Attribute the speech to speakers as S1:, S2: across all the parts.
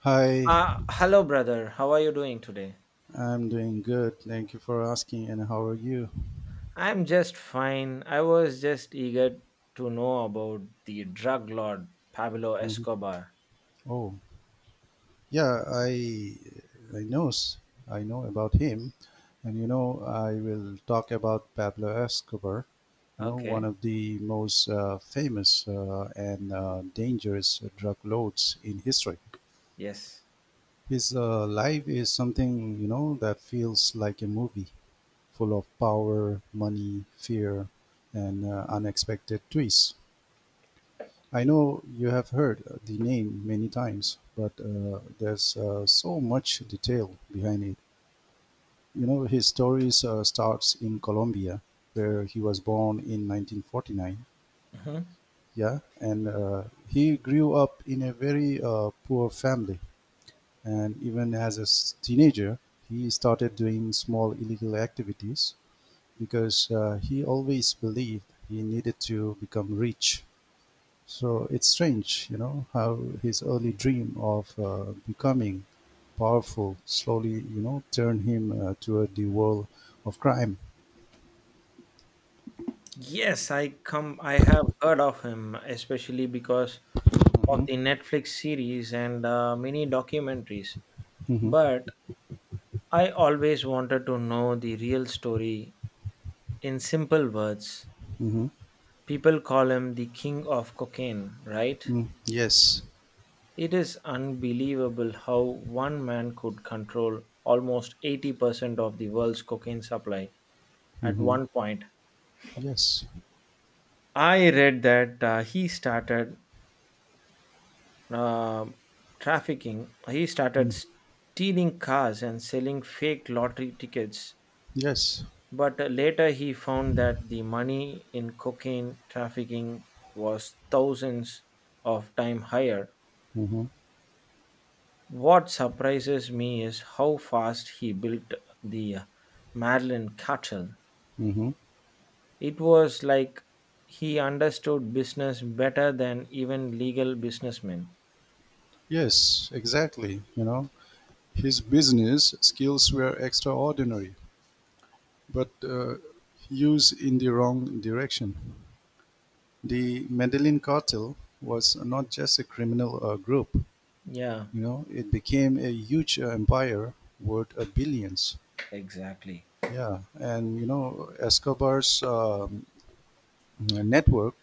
S1: Hi,
S2: Hello, brother. How are you doing today?
S1: I'm doing good. Thank you for asking. And how are you?
S2: I'm just fine. I was just eager to know about the drug lord Pablo
S1: hmm
S2: Escobar.
S1: Oh, yeah, I knows I know about him, and you know I will talk about Pablo Escobar. You know, one
S2: Okay.
S1: of the most famous and dangerous drug lords in history.
S2: Yes.
S1: His life is something you know that feels like a movie, full of power, money, fear, and unexpected twists. I know you have heard the name many times, but there's so much detail behind it. You know, his story starts in Colombia, where he was born in 1949.
S2: Mhm.
S1: Yeah, and he grew up in a very poor family. And even as a teenager, he started doing small illegal activities because he always believed he needed to become rich. So it's strange, you know, how his early dream of becoming powerful slowly, you know, turned him toward the world of crime.
S2: Yes, I come. I have heard of him, especially because of
S1: hmm
S2: the Netflix series and mini documentaries.
S1: hmm
S2: But I always wanted to know the real story in simple words.
S1: hmm
S2: People call him the king of cocaine, right?
S1: Mm, yes.
S2: It is unbelievable how one man could control almost 80% of the world's cocaine supply at
S1: hmm
S2: one point.
S1: Yes.
S2: I read that he started uh, he started
S1: Mm,
S2: stealing cars and selling fake lottery tickets.
S1: yes.
S2: But later he found that the money in cocaine trafficking was thousands of times higher.
S1: hmm
S2: What surprises me is how fast he built the Madeline Cartel.
S1: hmm
S2: It was like he understood business better than even legal businessmen.
S1: Yes, exactly. You know, his business skills were extraordinary, but used in the wrong direction. The Medellin cartel was not just a criminal group.
S2: Yeah,
S1: You know, it became a huge empire worth billions.
S2: exactly.
S1: Yeah, and you know, Escobar's network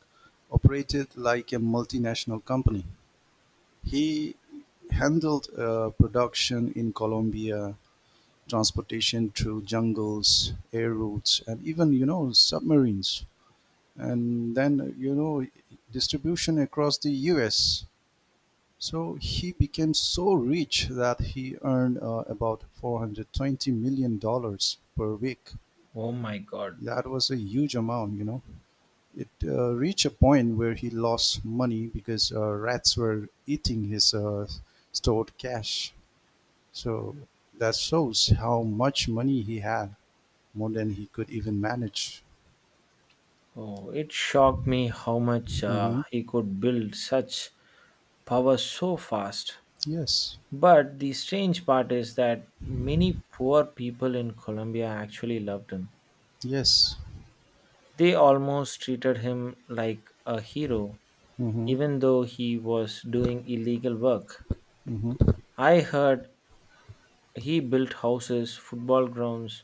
S1: operated like a multinational company. He handled production in Colombia, transportation through jungles, air routes, and even you know submarines. And then you know distribution across the U.S. So he became so rich that he earned about 420 million dollars per week.
S2: Oh my god.
S1: That was a huge amount, you know. It reached a point where he lost money because rats were eating his stored cash. So that shows how much money he had, more than he could even manage.
S2: Oh, it shocked me how much
S1: hmm
S2: he could build such power so fast.
S1: Yes.
S2: But the strange part is that many poor people in Colombia actually loved him.
S1: Yes.
S2: They almost treated him like a hero
S1: Mm-hmm.
S2: even though he was doing illegal work.
S1: Mm-hmm.
S2: I heard he built houses, football grounds,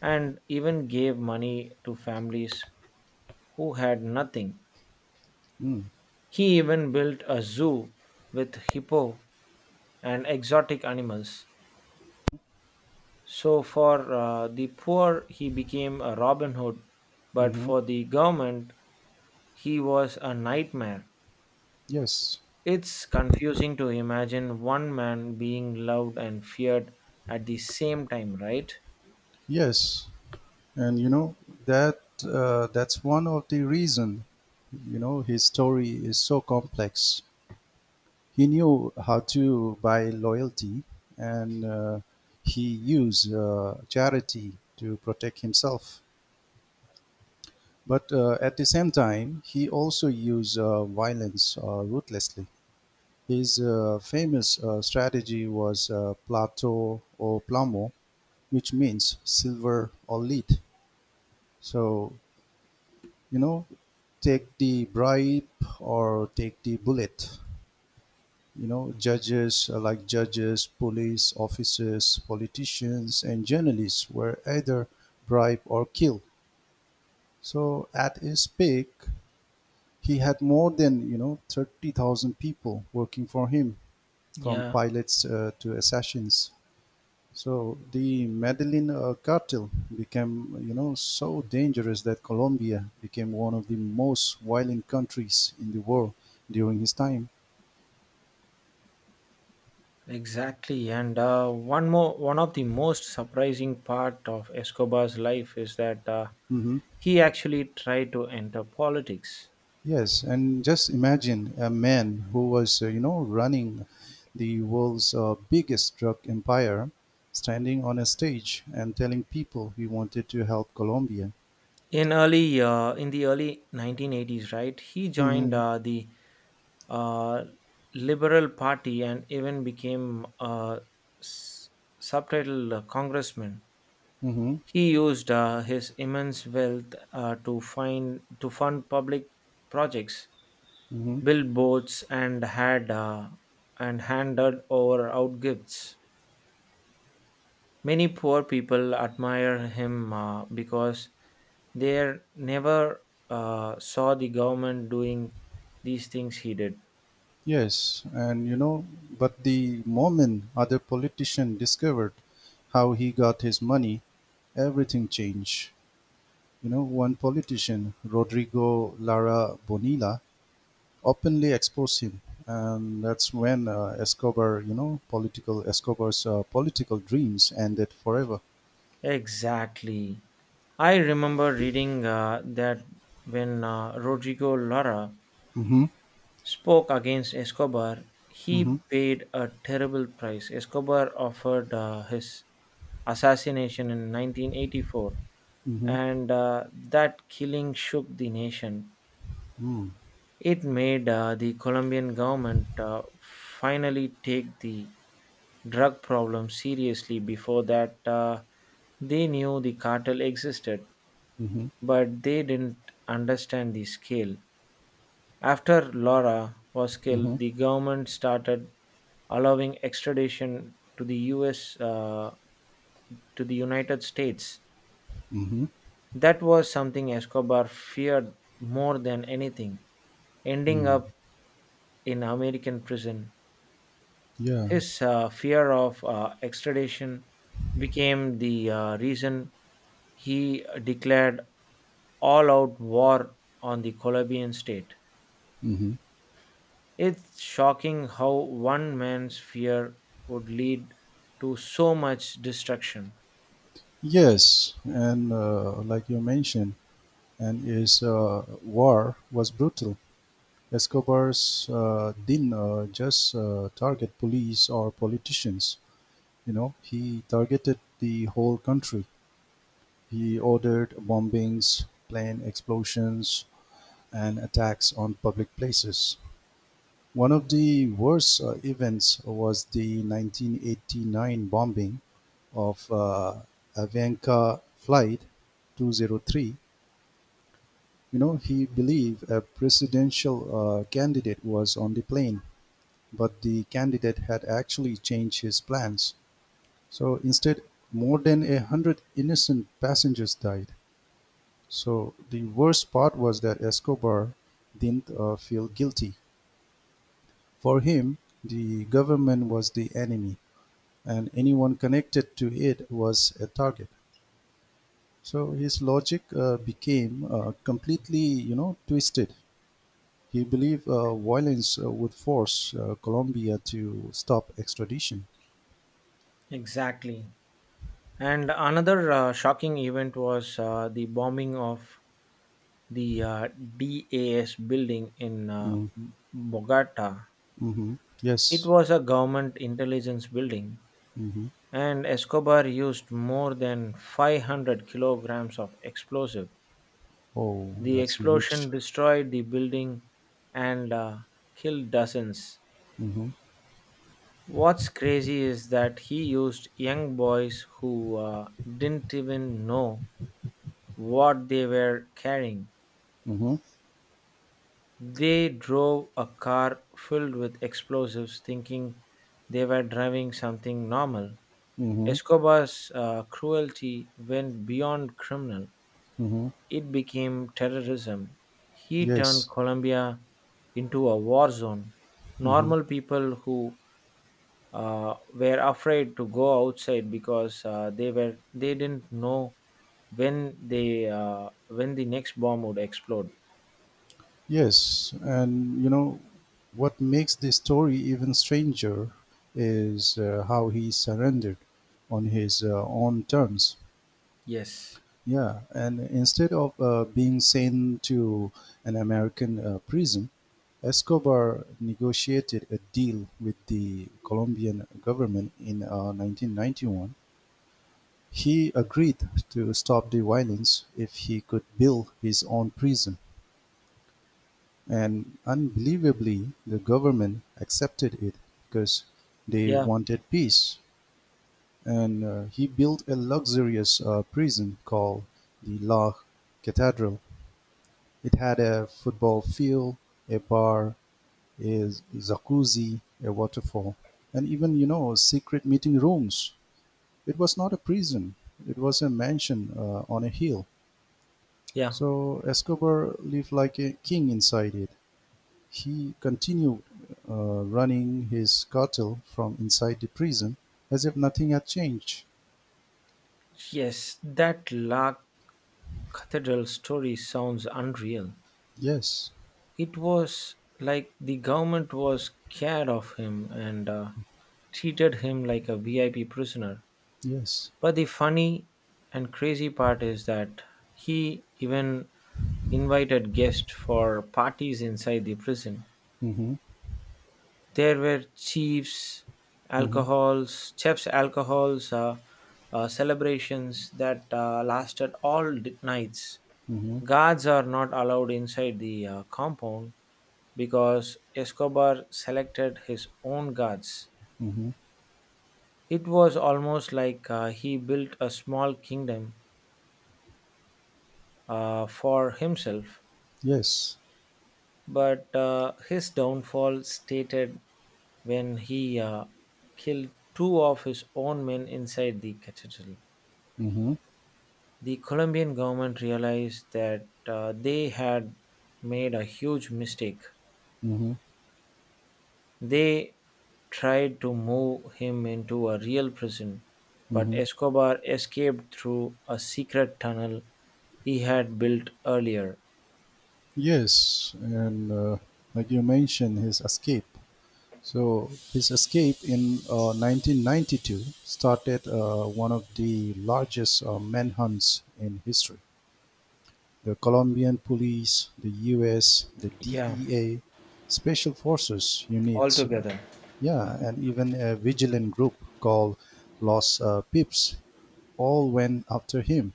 S2: and even gave money to families who had nothing.
S1: Mm-hmm.
S2: He even built a zoo with hippo and exotic animals. So, for the poor, he became a Robin Hood, but
S1: Mm-hmm.
S2: for the government, he was a nightmare.
S1: Yes.
S2: It's confusing to imagine one man being loved and feared at the same time, right?
S1: Yes. And you know that that's one of the reason, you know, his story is so complex. He knew how to buy loyalty, and he used charity to protect himself, but at the same time he also used violence ruthlessly. His famous strategy was plato or plomo, which means silver or lead. So, you know, take the bribe or take the bullet. You know, judges are like judges, police officers, politicians, and journalists were either bribed or killed. So at his peak, he had more than you know 30,000 people working for him, from
S2: Yeah,
S1: pilots to assassins. So the Medellin cartel became, you know, so dangerous that Colombia became one of the most violent countries in the world during his time.
S2: exactly. And one of the most surprising part of Escobar's life is that
S1: hmm
S2: he actually tried to enter politics
S1: Yes, and just imagine a man who was, you know, running the world's biggest drug empire, standing on a stage and telling people he wanted to help Colombia.
S2: in the early 1980s. Right, he joined
S1: hmm
S2: the uh, Liberal Party and even became a s- subtitled congressman.
S1: hmm
S2: He used his immense wealth to find to fund public projects,
S1: hmm
S2: build boats, and had and handed over out gifts. Many poor people admire him because they never saw the government doing these things he did.
S1: Yes, and you know, but the moment other politician discovered how he got his money, everything changed. You know, one politician, Rodrigo Lara Bonilla, openly exposed him, and that's when Escobar's political dreams ended forever.
S2: Exactly. I remember reading that when Rodrigo Lara
S1: Mm-hmm.
S2: spoke against Escobar, he
S1: Mm-hmm.
S2: paid a terrible price. Escobar offered his assassination in 1984,
S1: Mm-hmm.
S2: and that killing shook the nation.
S1: Mm-hmm.
S2: It made the Colombian government finally take the drug problem seriously. Before that, they knew the cartel existed, but they didn't understand the scale. After Laura was
S1: Mm-hmm.
S2: killed, the government started allowing extradition to the U.S., to the United States.
S1: Mm-hmm.
S2: That was something Escobar feared more than anything, ending up
S1: Mm-hmm.
S2: in American prison.
S1: Yeah.
S2: His fear of extradition became the reason he declared all out war on the Colombian state.
S1: Mm-hmm.
S2: It's shocking how one man's fear would lead to so much destruction.
S1: Yes, and like you mentioned. And his war was brutal. Escobar's didn't just target police or politicians. You know, he targeted the whole country. He ordered bombings, plane explosions, and attacks on public places. One of the worst events was the 1989 bombing of Avianca Flight 203. You know, he believed a presidential candidate was on the plane, but the candidate had actually changed his plans. So instead, more than a hundred innocent passengers died. So the worst part was that Escobar didn't feel guilty. For him, the government was the enemy, and anyone connected to it was a target. So his logic became completely, you know, twisted. He believed violence would force Colombia to stop extradition.
S2: Exactly. And another shocking event was the bombing of the DAS building in
S1: Mm,
S2: Bogota.
S1: mhm.
S2: It
S1: Yes.
S2: was a government intelligence building,
S1: hmm
S2: and Escobar used more than 500 kilograms of explosive.
S1: Oh,
S2: The
S1: that's a huge.
S2: explosion destroyed the building and killed dozens.
S1: Mm-hmm.
S2: What's crazy is that he used young boys who didn't even know what they were carrying.
S1: Mm-hmm.
S2: They drove a car filled with explosives thinking they were driving something normal.
S1: Mm-hmm.
S2: Escobar's cruelty went beyond criminal,
S1: Mm-hmm.
S2: it became terrorism. He turned
S1: Yes.
S2: Colombia into a war zone.
S1: Mm-hmm.
S2: Normal people who were afraid to go outside because they didn't know when the next bomb would explode.
S1: Yes. And you know what makes this story even stranger is how he surrendered on his own terms.
S2: Yes.
S1: Yeah, and instead of being sent to an American prison, Escobar negotiated a deal with the Colombian government in 1991. He agreed to stop the violence if he could build his own prison. And unbelievably, the government accepted it because they
S2: Yeah,
S1: wanted peace. And he built a luxurious prison called the La Catedral. It had a football field, a bar, a jacuzzi, a waterfall, and even, you know, secret meeting rooms. It was not a prison, it was a mansion on a hill.
S2: yeah,
S1: So Escobar lived like a king inside it. He continued running his cartel from inside the prison as if nothing had changed.
S2: yes. That La Cathedral story sounds unreal.
S1: Yes,
S2: It was like the government was scared of him and treated him like a VIP prisoner.
S1: yes.
S2: But the funny and crazy part is that he even invited guests for parties inside the prison.
S1: Mm-hmm,
S2: There were chiefs,
S1: mm-hmm,
S2: alcohols, chefs, alcohols, celebrations that lasted all nights.
S1: mm-hmm,
S2: Guards are not allowed inside the compound because Escobar selected his own guards.
S1: mm-hmm.
S2: It was almost like he built a small kingdom for himself.
S1: Yes.
S2: But his downfall stated when he killed two of his own men inside the cathedral.
S1: Mm-hmm,
S2: The Colombian government realized that they had made a huge mistake.
S1: mm-hmm,
S2: They tried to move him into a real prison, but
S1: mm-hmm.
S2: Escobar escaped through a secret tunnel he had built earlier.
S1: Yes, and like you mentioned, his escape. So his escape in 1992 started one of the largest manhunts in history. The Colombian police, the U.S., the
S2: Yeah,
S1: DEA, special forces units,
S2: altogether.
S1: yeah, and even a vigilant group called Los Pips, all went after him.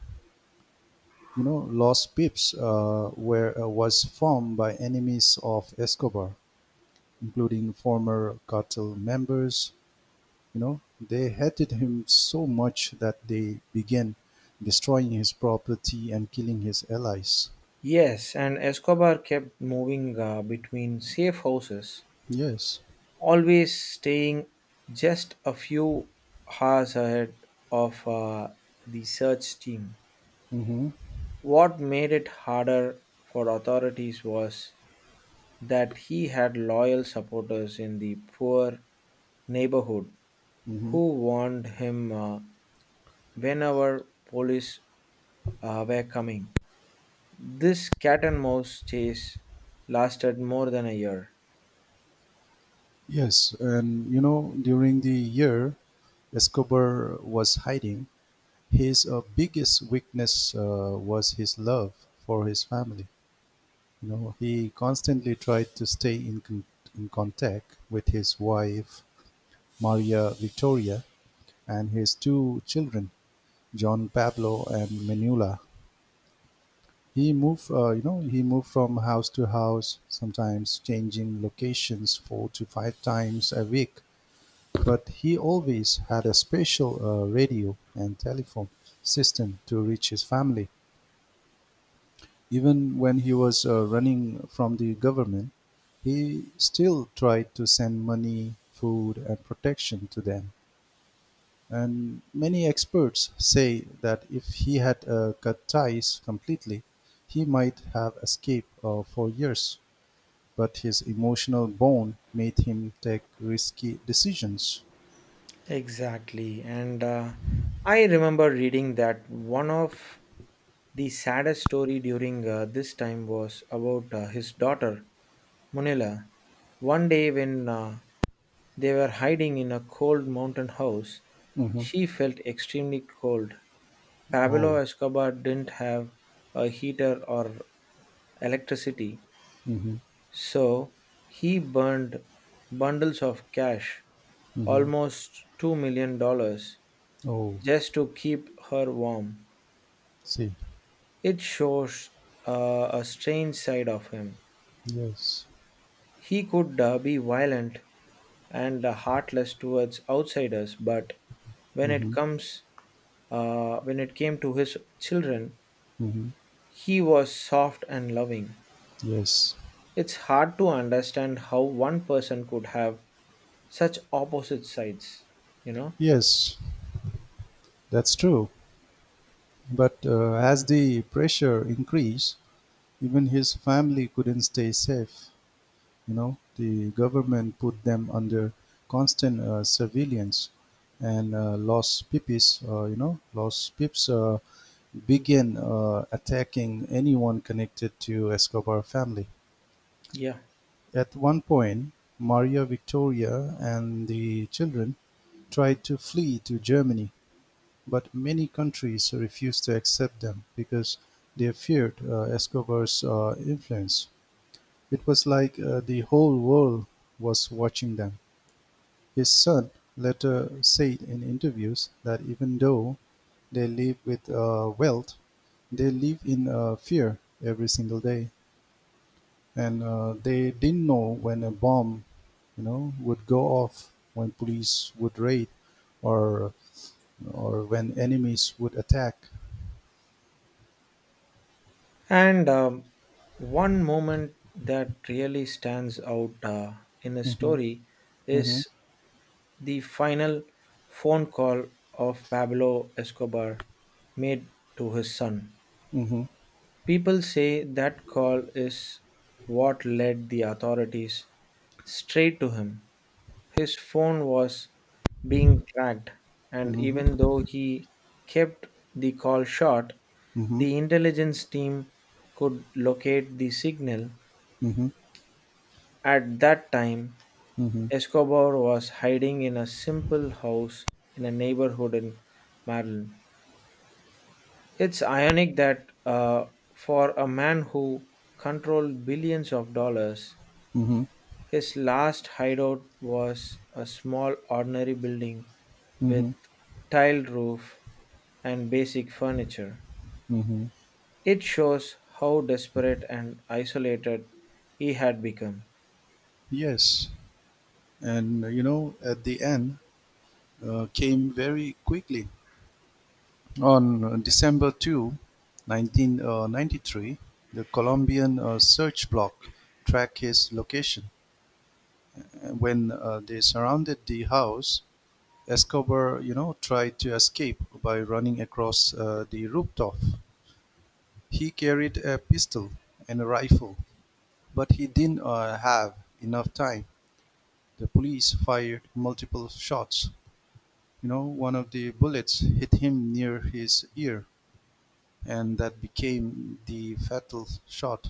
S1: You know, Los Pips were was formed by enemies of Escobar, including former cartel members. You know, they hated him so much that they began destroying his property and killing his allies.
S2: Yes, and Escobar kept moving between safe houses,
S1: Yes.
S2: always staying just a few hours ahead of the search team.
S1: Mm-hmm.
S2: What made it harder for authorities was that he had loyal supporters in the poor neighborhood
S1: Mm-hmm.
S2: who warned him whenever police were coming. This cat and mouse chase lasted more than a year.
S1: Yes, and you know, during the year Escobar was hiding, his biggest weakness was his love for his family. You know, he constantly tried to stay in contact with his wife, Maria Victoria, and his two children, John Pablo and Manuela. He moved from house to house, sometimes changing locations 4 to 5 times a week. But he always had a special radio and telephone system to reach his family. Even when he was running from the government, he still tried to send money, food, and protection to them. And many experts say that if he had cut ties completely, he might have escaped for years, but his emotional bond made him take risky decisions.
S2: Exactly. And I remember reading that one of the saddest story during this time was about his daughter, Munilla. One day when they were hiding in a cold mountain house,
S1: hmm
S2: she felt extremely cold. Pablo
S1: Oh.
S2: Escobar didn't have a heater or electricity,
S1: hmm
S2: so he burned bundles of cash,
S1: hmm
S2: almost $2 million dollars,
S1: Oh.
S2: just to keep her warm.
S1: See.
S2: It shows a strange side of him.
S1: Yes.
S2: He could be violent and heartless towards outsiders, but when it
S1: hmm
S2: comes when it came to his children,
S1: hmm
S2: he was soft and loving.
S1: Yes.
S2: It's hard to understand how one person could have such opposite sides, you know?
S1: Yes, that's true. But as the pressure increased, even his family couldn't stay safe. You know, the government put them under constant surveillance, and los pipis you know los pips began attacking anyone connected to Escobar family.
S2: Yeah.
S1: At one point, Maria Victoria and the children tried to flee to Germany, but many countries refused to accept them because they feared Escobar's influence. It was like the whole world was watching them. His son later said in interviews that even though they live with wealth, they live in fear every single day, and they didn't know when a bomb, you know, would go off, when police would raid, or or when enemies would attack.
S2: And one moment that really stands out in the
S1: Mm-hmm,
S2: story
S1: mm-hmm,
S2: is the final phone call of Pablo Escobar made to his son.
S1: mm-hmm,
S2: People say that call is what led the authorities straight to him. His phone was being tracked, and
S1: mm-hmm,
S2: even though he kept the call short,
S1: mm-hmm,
S2: the intelligence team could locate the signal.
S1: mm-hmm,
S2: At that time,
S1: mm-hmm,
S2: Escobar was hiding in a simple house in a neighborhood in Maryland. It's ironic that for a man who controlled billions of dollars,
S1: mm-hmm,
S2: his last hideout was a small ordinary building with
S1: mm-hmm.
S2: tiled roof and basic furniture.
S1: Mm-hmm.
S2: It shows how desperate and isolated he had become.
S1: Yes, and you know, at the end, came very quickly. On December 2, 1993, the Colombian search block tracked his location. When they surrounded the house, Escobar, you know, tried to escape by running across the rooftop. He carried a pistol and a rifle, but he didn't have enough time. The police fired multiple shots. You know, one of the bullets hit him near his ear, and that became the fatal shot.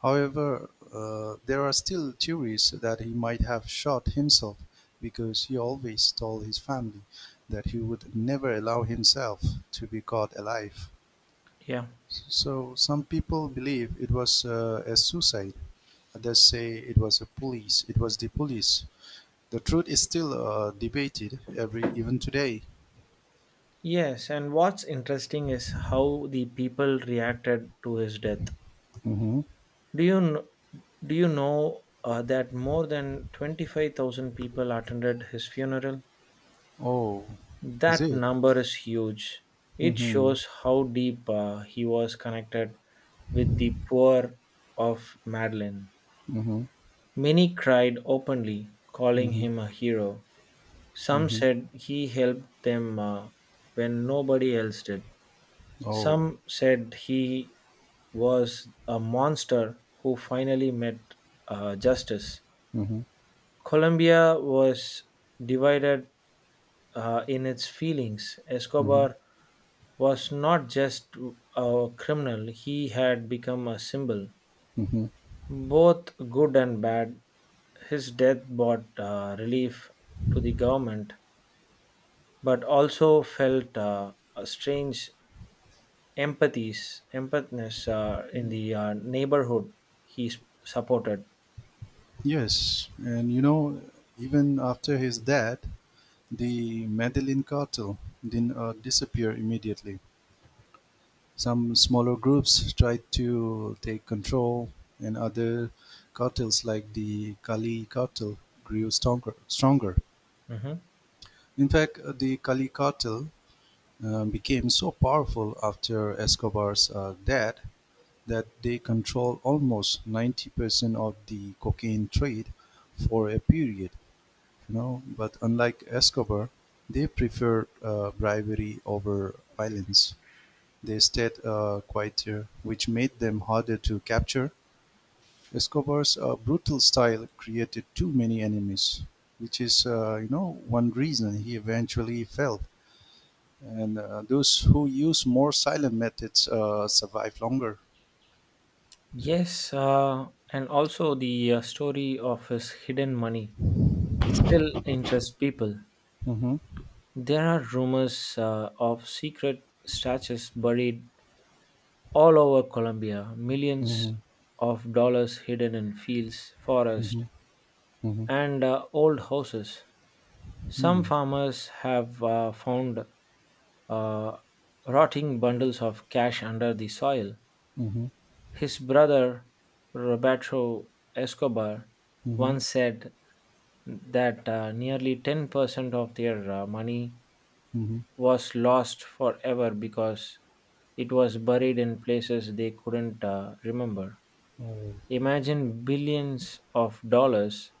S1: However, there are still theories that he might have shot himself because he always told his family that he would never allow himself to be caught alive.
S2: Yeah.
S1: So some people believe it was a suicide. Others say it was a police. It was the police. The truth is still debated every even today.
S2: Yes, and what's interesting is how the people reacted to his death.
S1: hmm
S2: Do you kn- do you know that more than 25,000 people attended his funeral?
S1: Oh, is
S2: That
S1: it?
S2: number is huge. It
S1: Mm-hmm.
S2: shows how deep he was connected with the poor of Madeline.
S1: Mm-hmm.
S2: Many cried openly, calling
S1: Mm-hmm.
S2: him a hero. Some
S1: Mm-hmm.
S2: said he helped them when nobody else did.
S1: Oh.
S2: Some said he was a monster who finally met justice.
S1: hmm
S2: Colombia was divided in its feelings.
S1: hmm
S2: Escobar was not just a criminal, he had become a symbol,
S1: hmm
S2: both good and bad. His death brought relief to the government, but also felt a strange empathness in the neighborhood he supported.
S1: Yes, and you know, even after his death, the Medellin cartel didn't disappear immediately. Some smaller groups tried to take control, and other cartels like the Cali cartel grew stronger.
S2: Mhm.
S1: In fact, the Cali cartel became so powerful after Escobar's death that they control almost 90% of the cocaine trade for a period, you know. But unlike Escobar, they preferred bribery over violence. They stayed quieter, which made them harder to capture. Escobar's brutal style created too many enemies, which is, you know, one reason he eventually failed. And those who use more silent methods survive longer.
S2: Yes, and also the story of his hidden money still interests people.
S1: hmm
S2: There are rumors of secret statues buried all over Colombia, millions
S1: hmm
S2: of dollars hidden in fields, forests,
S1: hmm
S2: and old houses. Some
S1: Hmm.
S2: farmers have found uh, rotting bundles of cash under the soil.
S1: Mm-hmm.
S2: His brother, Roberto Escobar,
S1: Mm-hmm.
S2: once said that nearly 10% of their money
S1: Mm-hmm.
S2: was lost forever because it was buried in places they couldn't remember.
S1: Oh,
S2: Imagine billions of dollars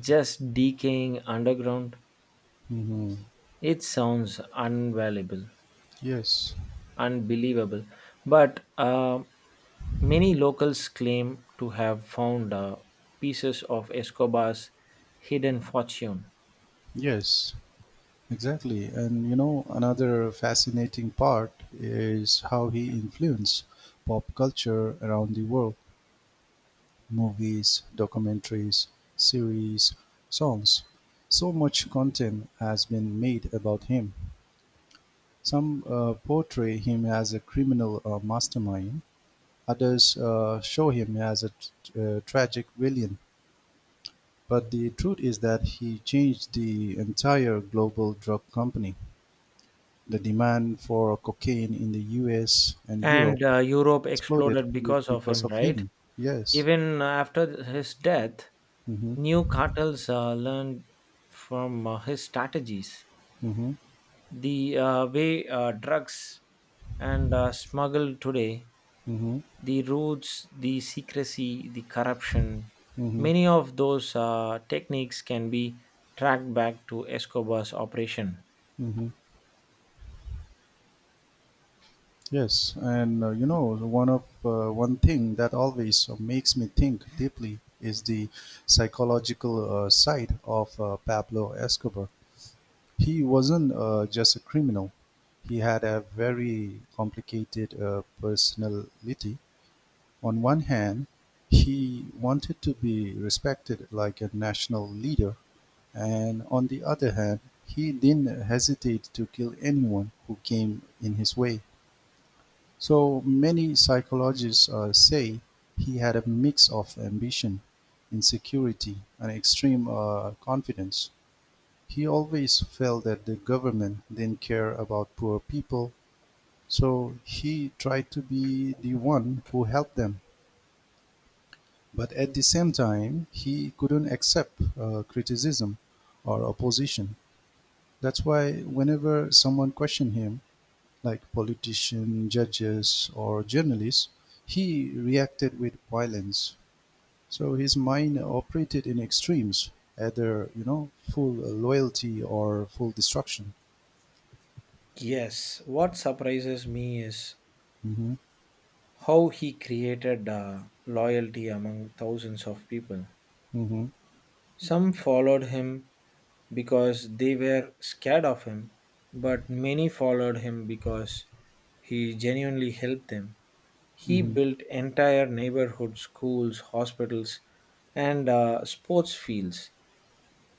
S2: just decaying underground.
S1: Mm-hmm.
S2: It sounds unvaluable,
S1: Yes,
S2: unbelievable. But many locals claim to have found pieces of Escobar's hidden fortune.
S1: yes, exactly. And you know, another fascinating part is how he influenced pop culture around the world: movies, documentaries, series, songs. So much content has been made about him. Some portray him as a criminal mastermind, others show him as a tragic villain. But the truth is that he changed the entire global drug company. The demand for cocaine in the US and Europe
S2: And Europe exploded because of
S1: because
S2: him,
S1: of
S2: right?
S1: him. Yes.
S2: Even after his death,
S1: Mm-hmm.
S2: new cartels learned from his strategies.
S1: Mm-hmm.
S2: The way drugs and smuggled today,
S1: Mm-hmm.
S2: the routes, the secrecy, the corruption,
S1: Mm-hmm.
S2: many of those techniques can be tracked back to Escobar's operation.
S1: Mm-hmm. Yes, and you know, one thing that always makes me think deeply is the psychological side of Pablo Escobar. He wasn't just a criminal; he had a very complicated personality. On one hand, he wanted to be respected like a national leader, and on the other hand, he didn't hesitate to kill anyone who came in his way. So many psychologists say he had a mix of ambition, insecurity, and extreme confidence. He always felt that the government didn't care about poor people, so he tried to be the one who helped them. But at the same time, he couldn't accept criticism or opposition. That's why whenever someone questioned him, like politicians, judges, or journalists, he reacted with violence. So his mind operated in extremes, either you know full loyalty or full destruction.
S2: Yes, what surprises me is
S1: hmm
S2: how he created loyalty among thousands of people.
S1: hmm
S2: Some followed him because they were scared of him, but many followed him because he genuinely helped them. He
S1: Mhm.
S2: built entire neighborhoods, schools, hospitals, and sports fields.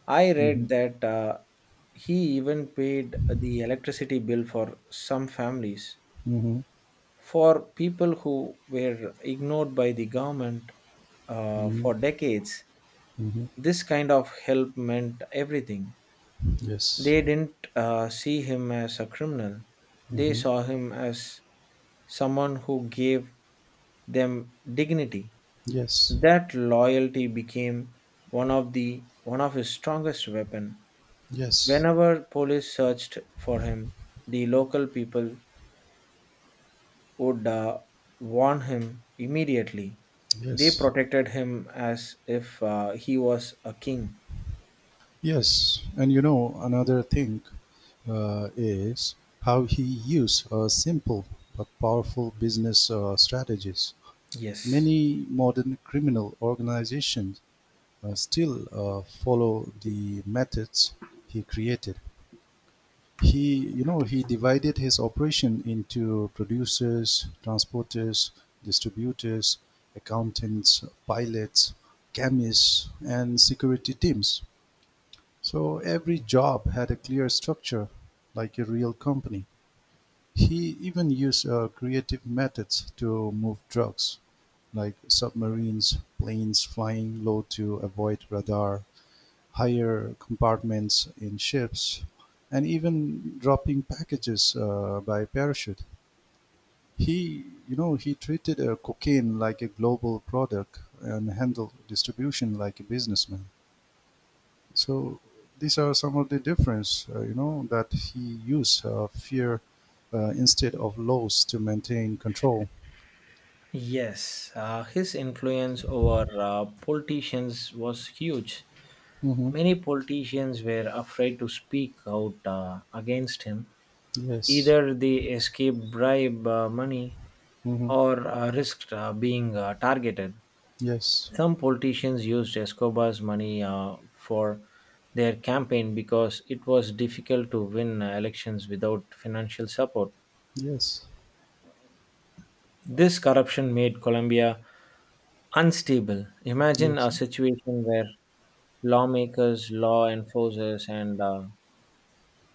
S2: I read
S1: Mhm.
S2: that he even paid the electricity bill for some families.
S1: Mhm.
S2: For people who were ignored by the government for
S1: Mhm.
S2: decades,
S1: Mhm.
S2: this kind of help meant everything.
S1: Yes.
S2: They didn't see him as a criminal, they
S1: Mhm.
S2: saw him as someone who gave them dignity.
S1: Yes.
S2: That loyalty became one of his strongest weapon.
S1: Yes.
S2: Whenever police searched for him, the local people would warn him immediately. They
S1: Yes.
S2: protected him as if he was a king.
S1: Yes. And you know, another thing is how he used simple but powerful business strategies.
S2: Yes.
S1: Many modern criminal organizations still follow the methods he created. He divided his operation into producers, transporters, distributors, accountants, pilots, chemists, and security teams. So every job had a clear structure, like a real company. He even used creative methods to move drugs, like submarines, planes flying low to avoid radar, higher compartments in ships, and even dropping packages by parachute. He treated cocaine like a global product and handled distribution like a businessman. So these are some of the difference, you know, that he used fear instead of laws to maintain control.
S2: Yes, his influence over politicians was huge.
S1: hmm
S2: Many politicians were afraid to speak out against him.
S1: Yes.
S2: Either they escaped bribe money
S1: hmm
S2: or risked being targeted.
S1: Yes.
S2: Some politicians used Escobar's money for their campaign because it was difficult to win elections without financial support.
S1: Yes.
S2: This corruption made Colombia unstable. Imagine
S1: Yes.
S2: a situation where lawmakers, law enforcers, and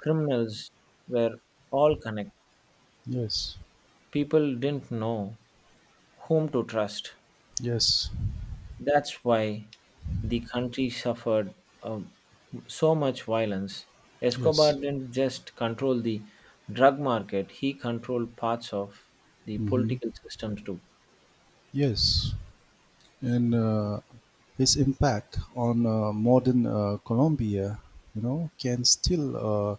S2: criminals were all connected.
S1: Yes.
S2: People didn't know whom to trust.
S1: Yes.
S2: That's why the country suffered uh, so much violence. Escobar
S1: Yes.
S2: didn't just control the drug market, he controlled parts of the
S1: hmm
S2: political systems too.
S1: Yes. And his impact on modern Colombia, you know, can still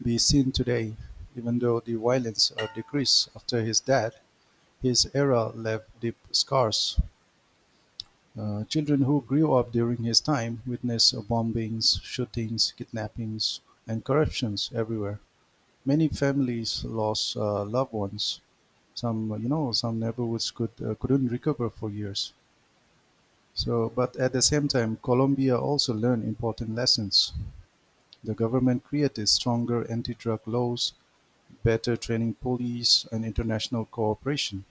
S1: be seen today. Even though the violence decreased after his death, his era left deep scars. Children who grew up during his time witnessed bombings, shootings, kidnappings, and corruptions everywhere. Many families lost loved ones. Some, you know, some neighborhoods couldn't recover for years. So, but at the same time, Colombia also learned important lessons. The government created stronger anti drug laws, better training police, and international cooperation.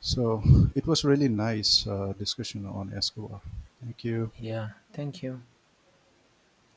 S1: So, it was really nice discussion on Escobar. Thank you.
S2: Yeah, thank you.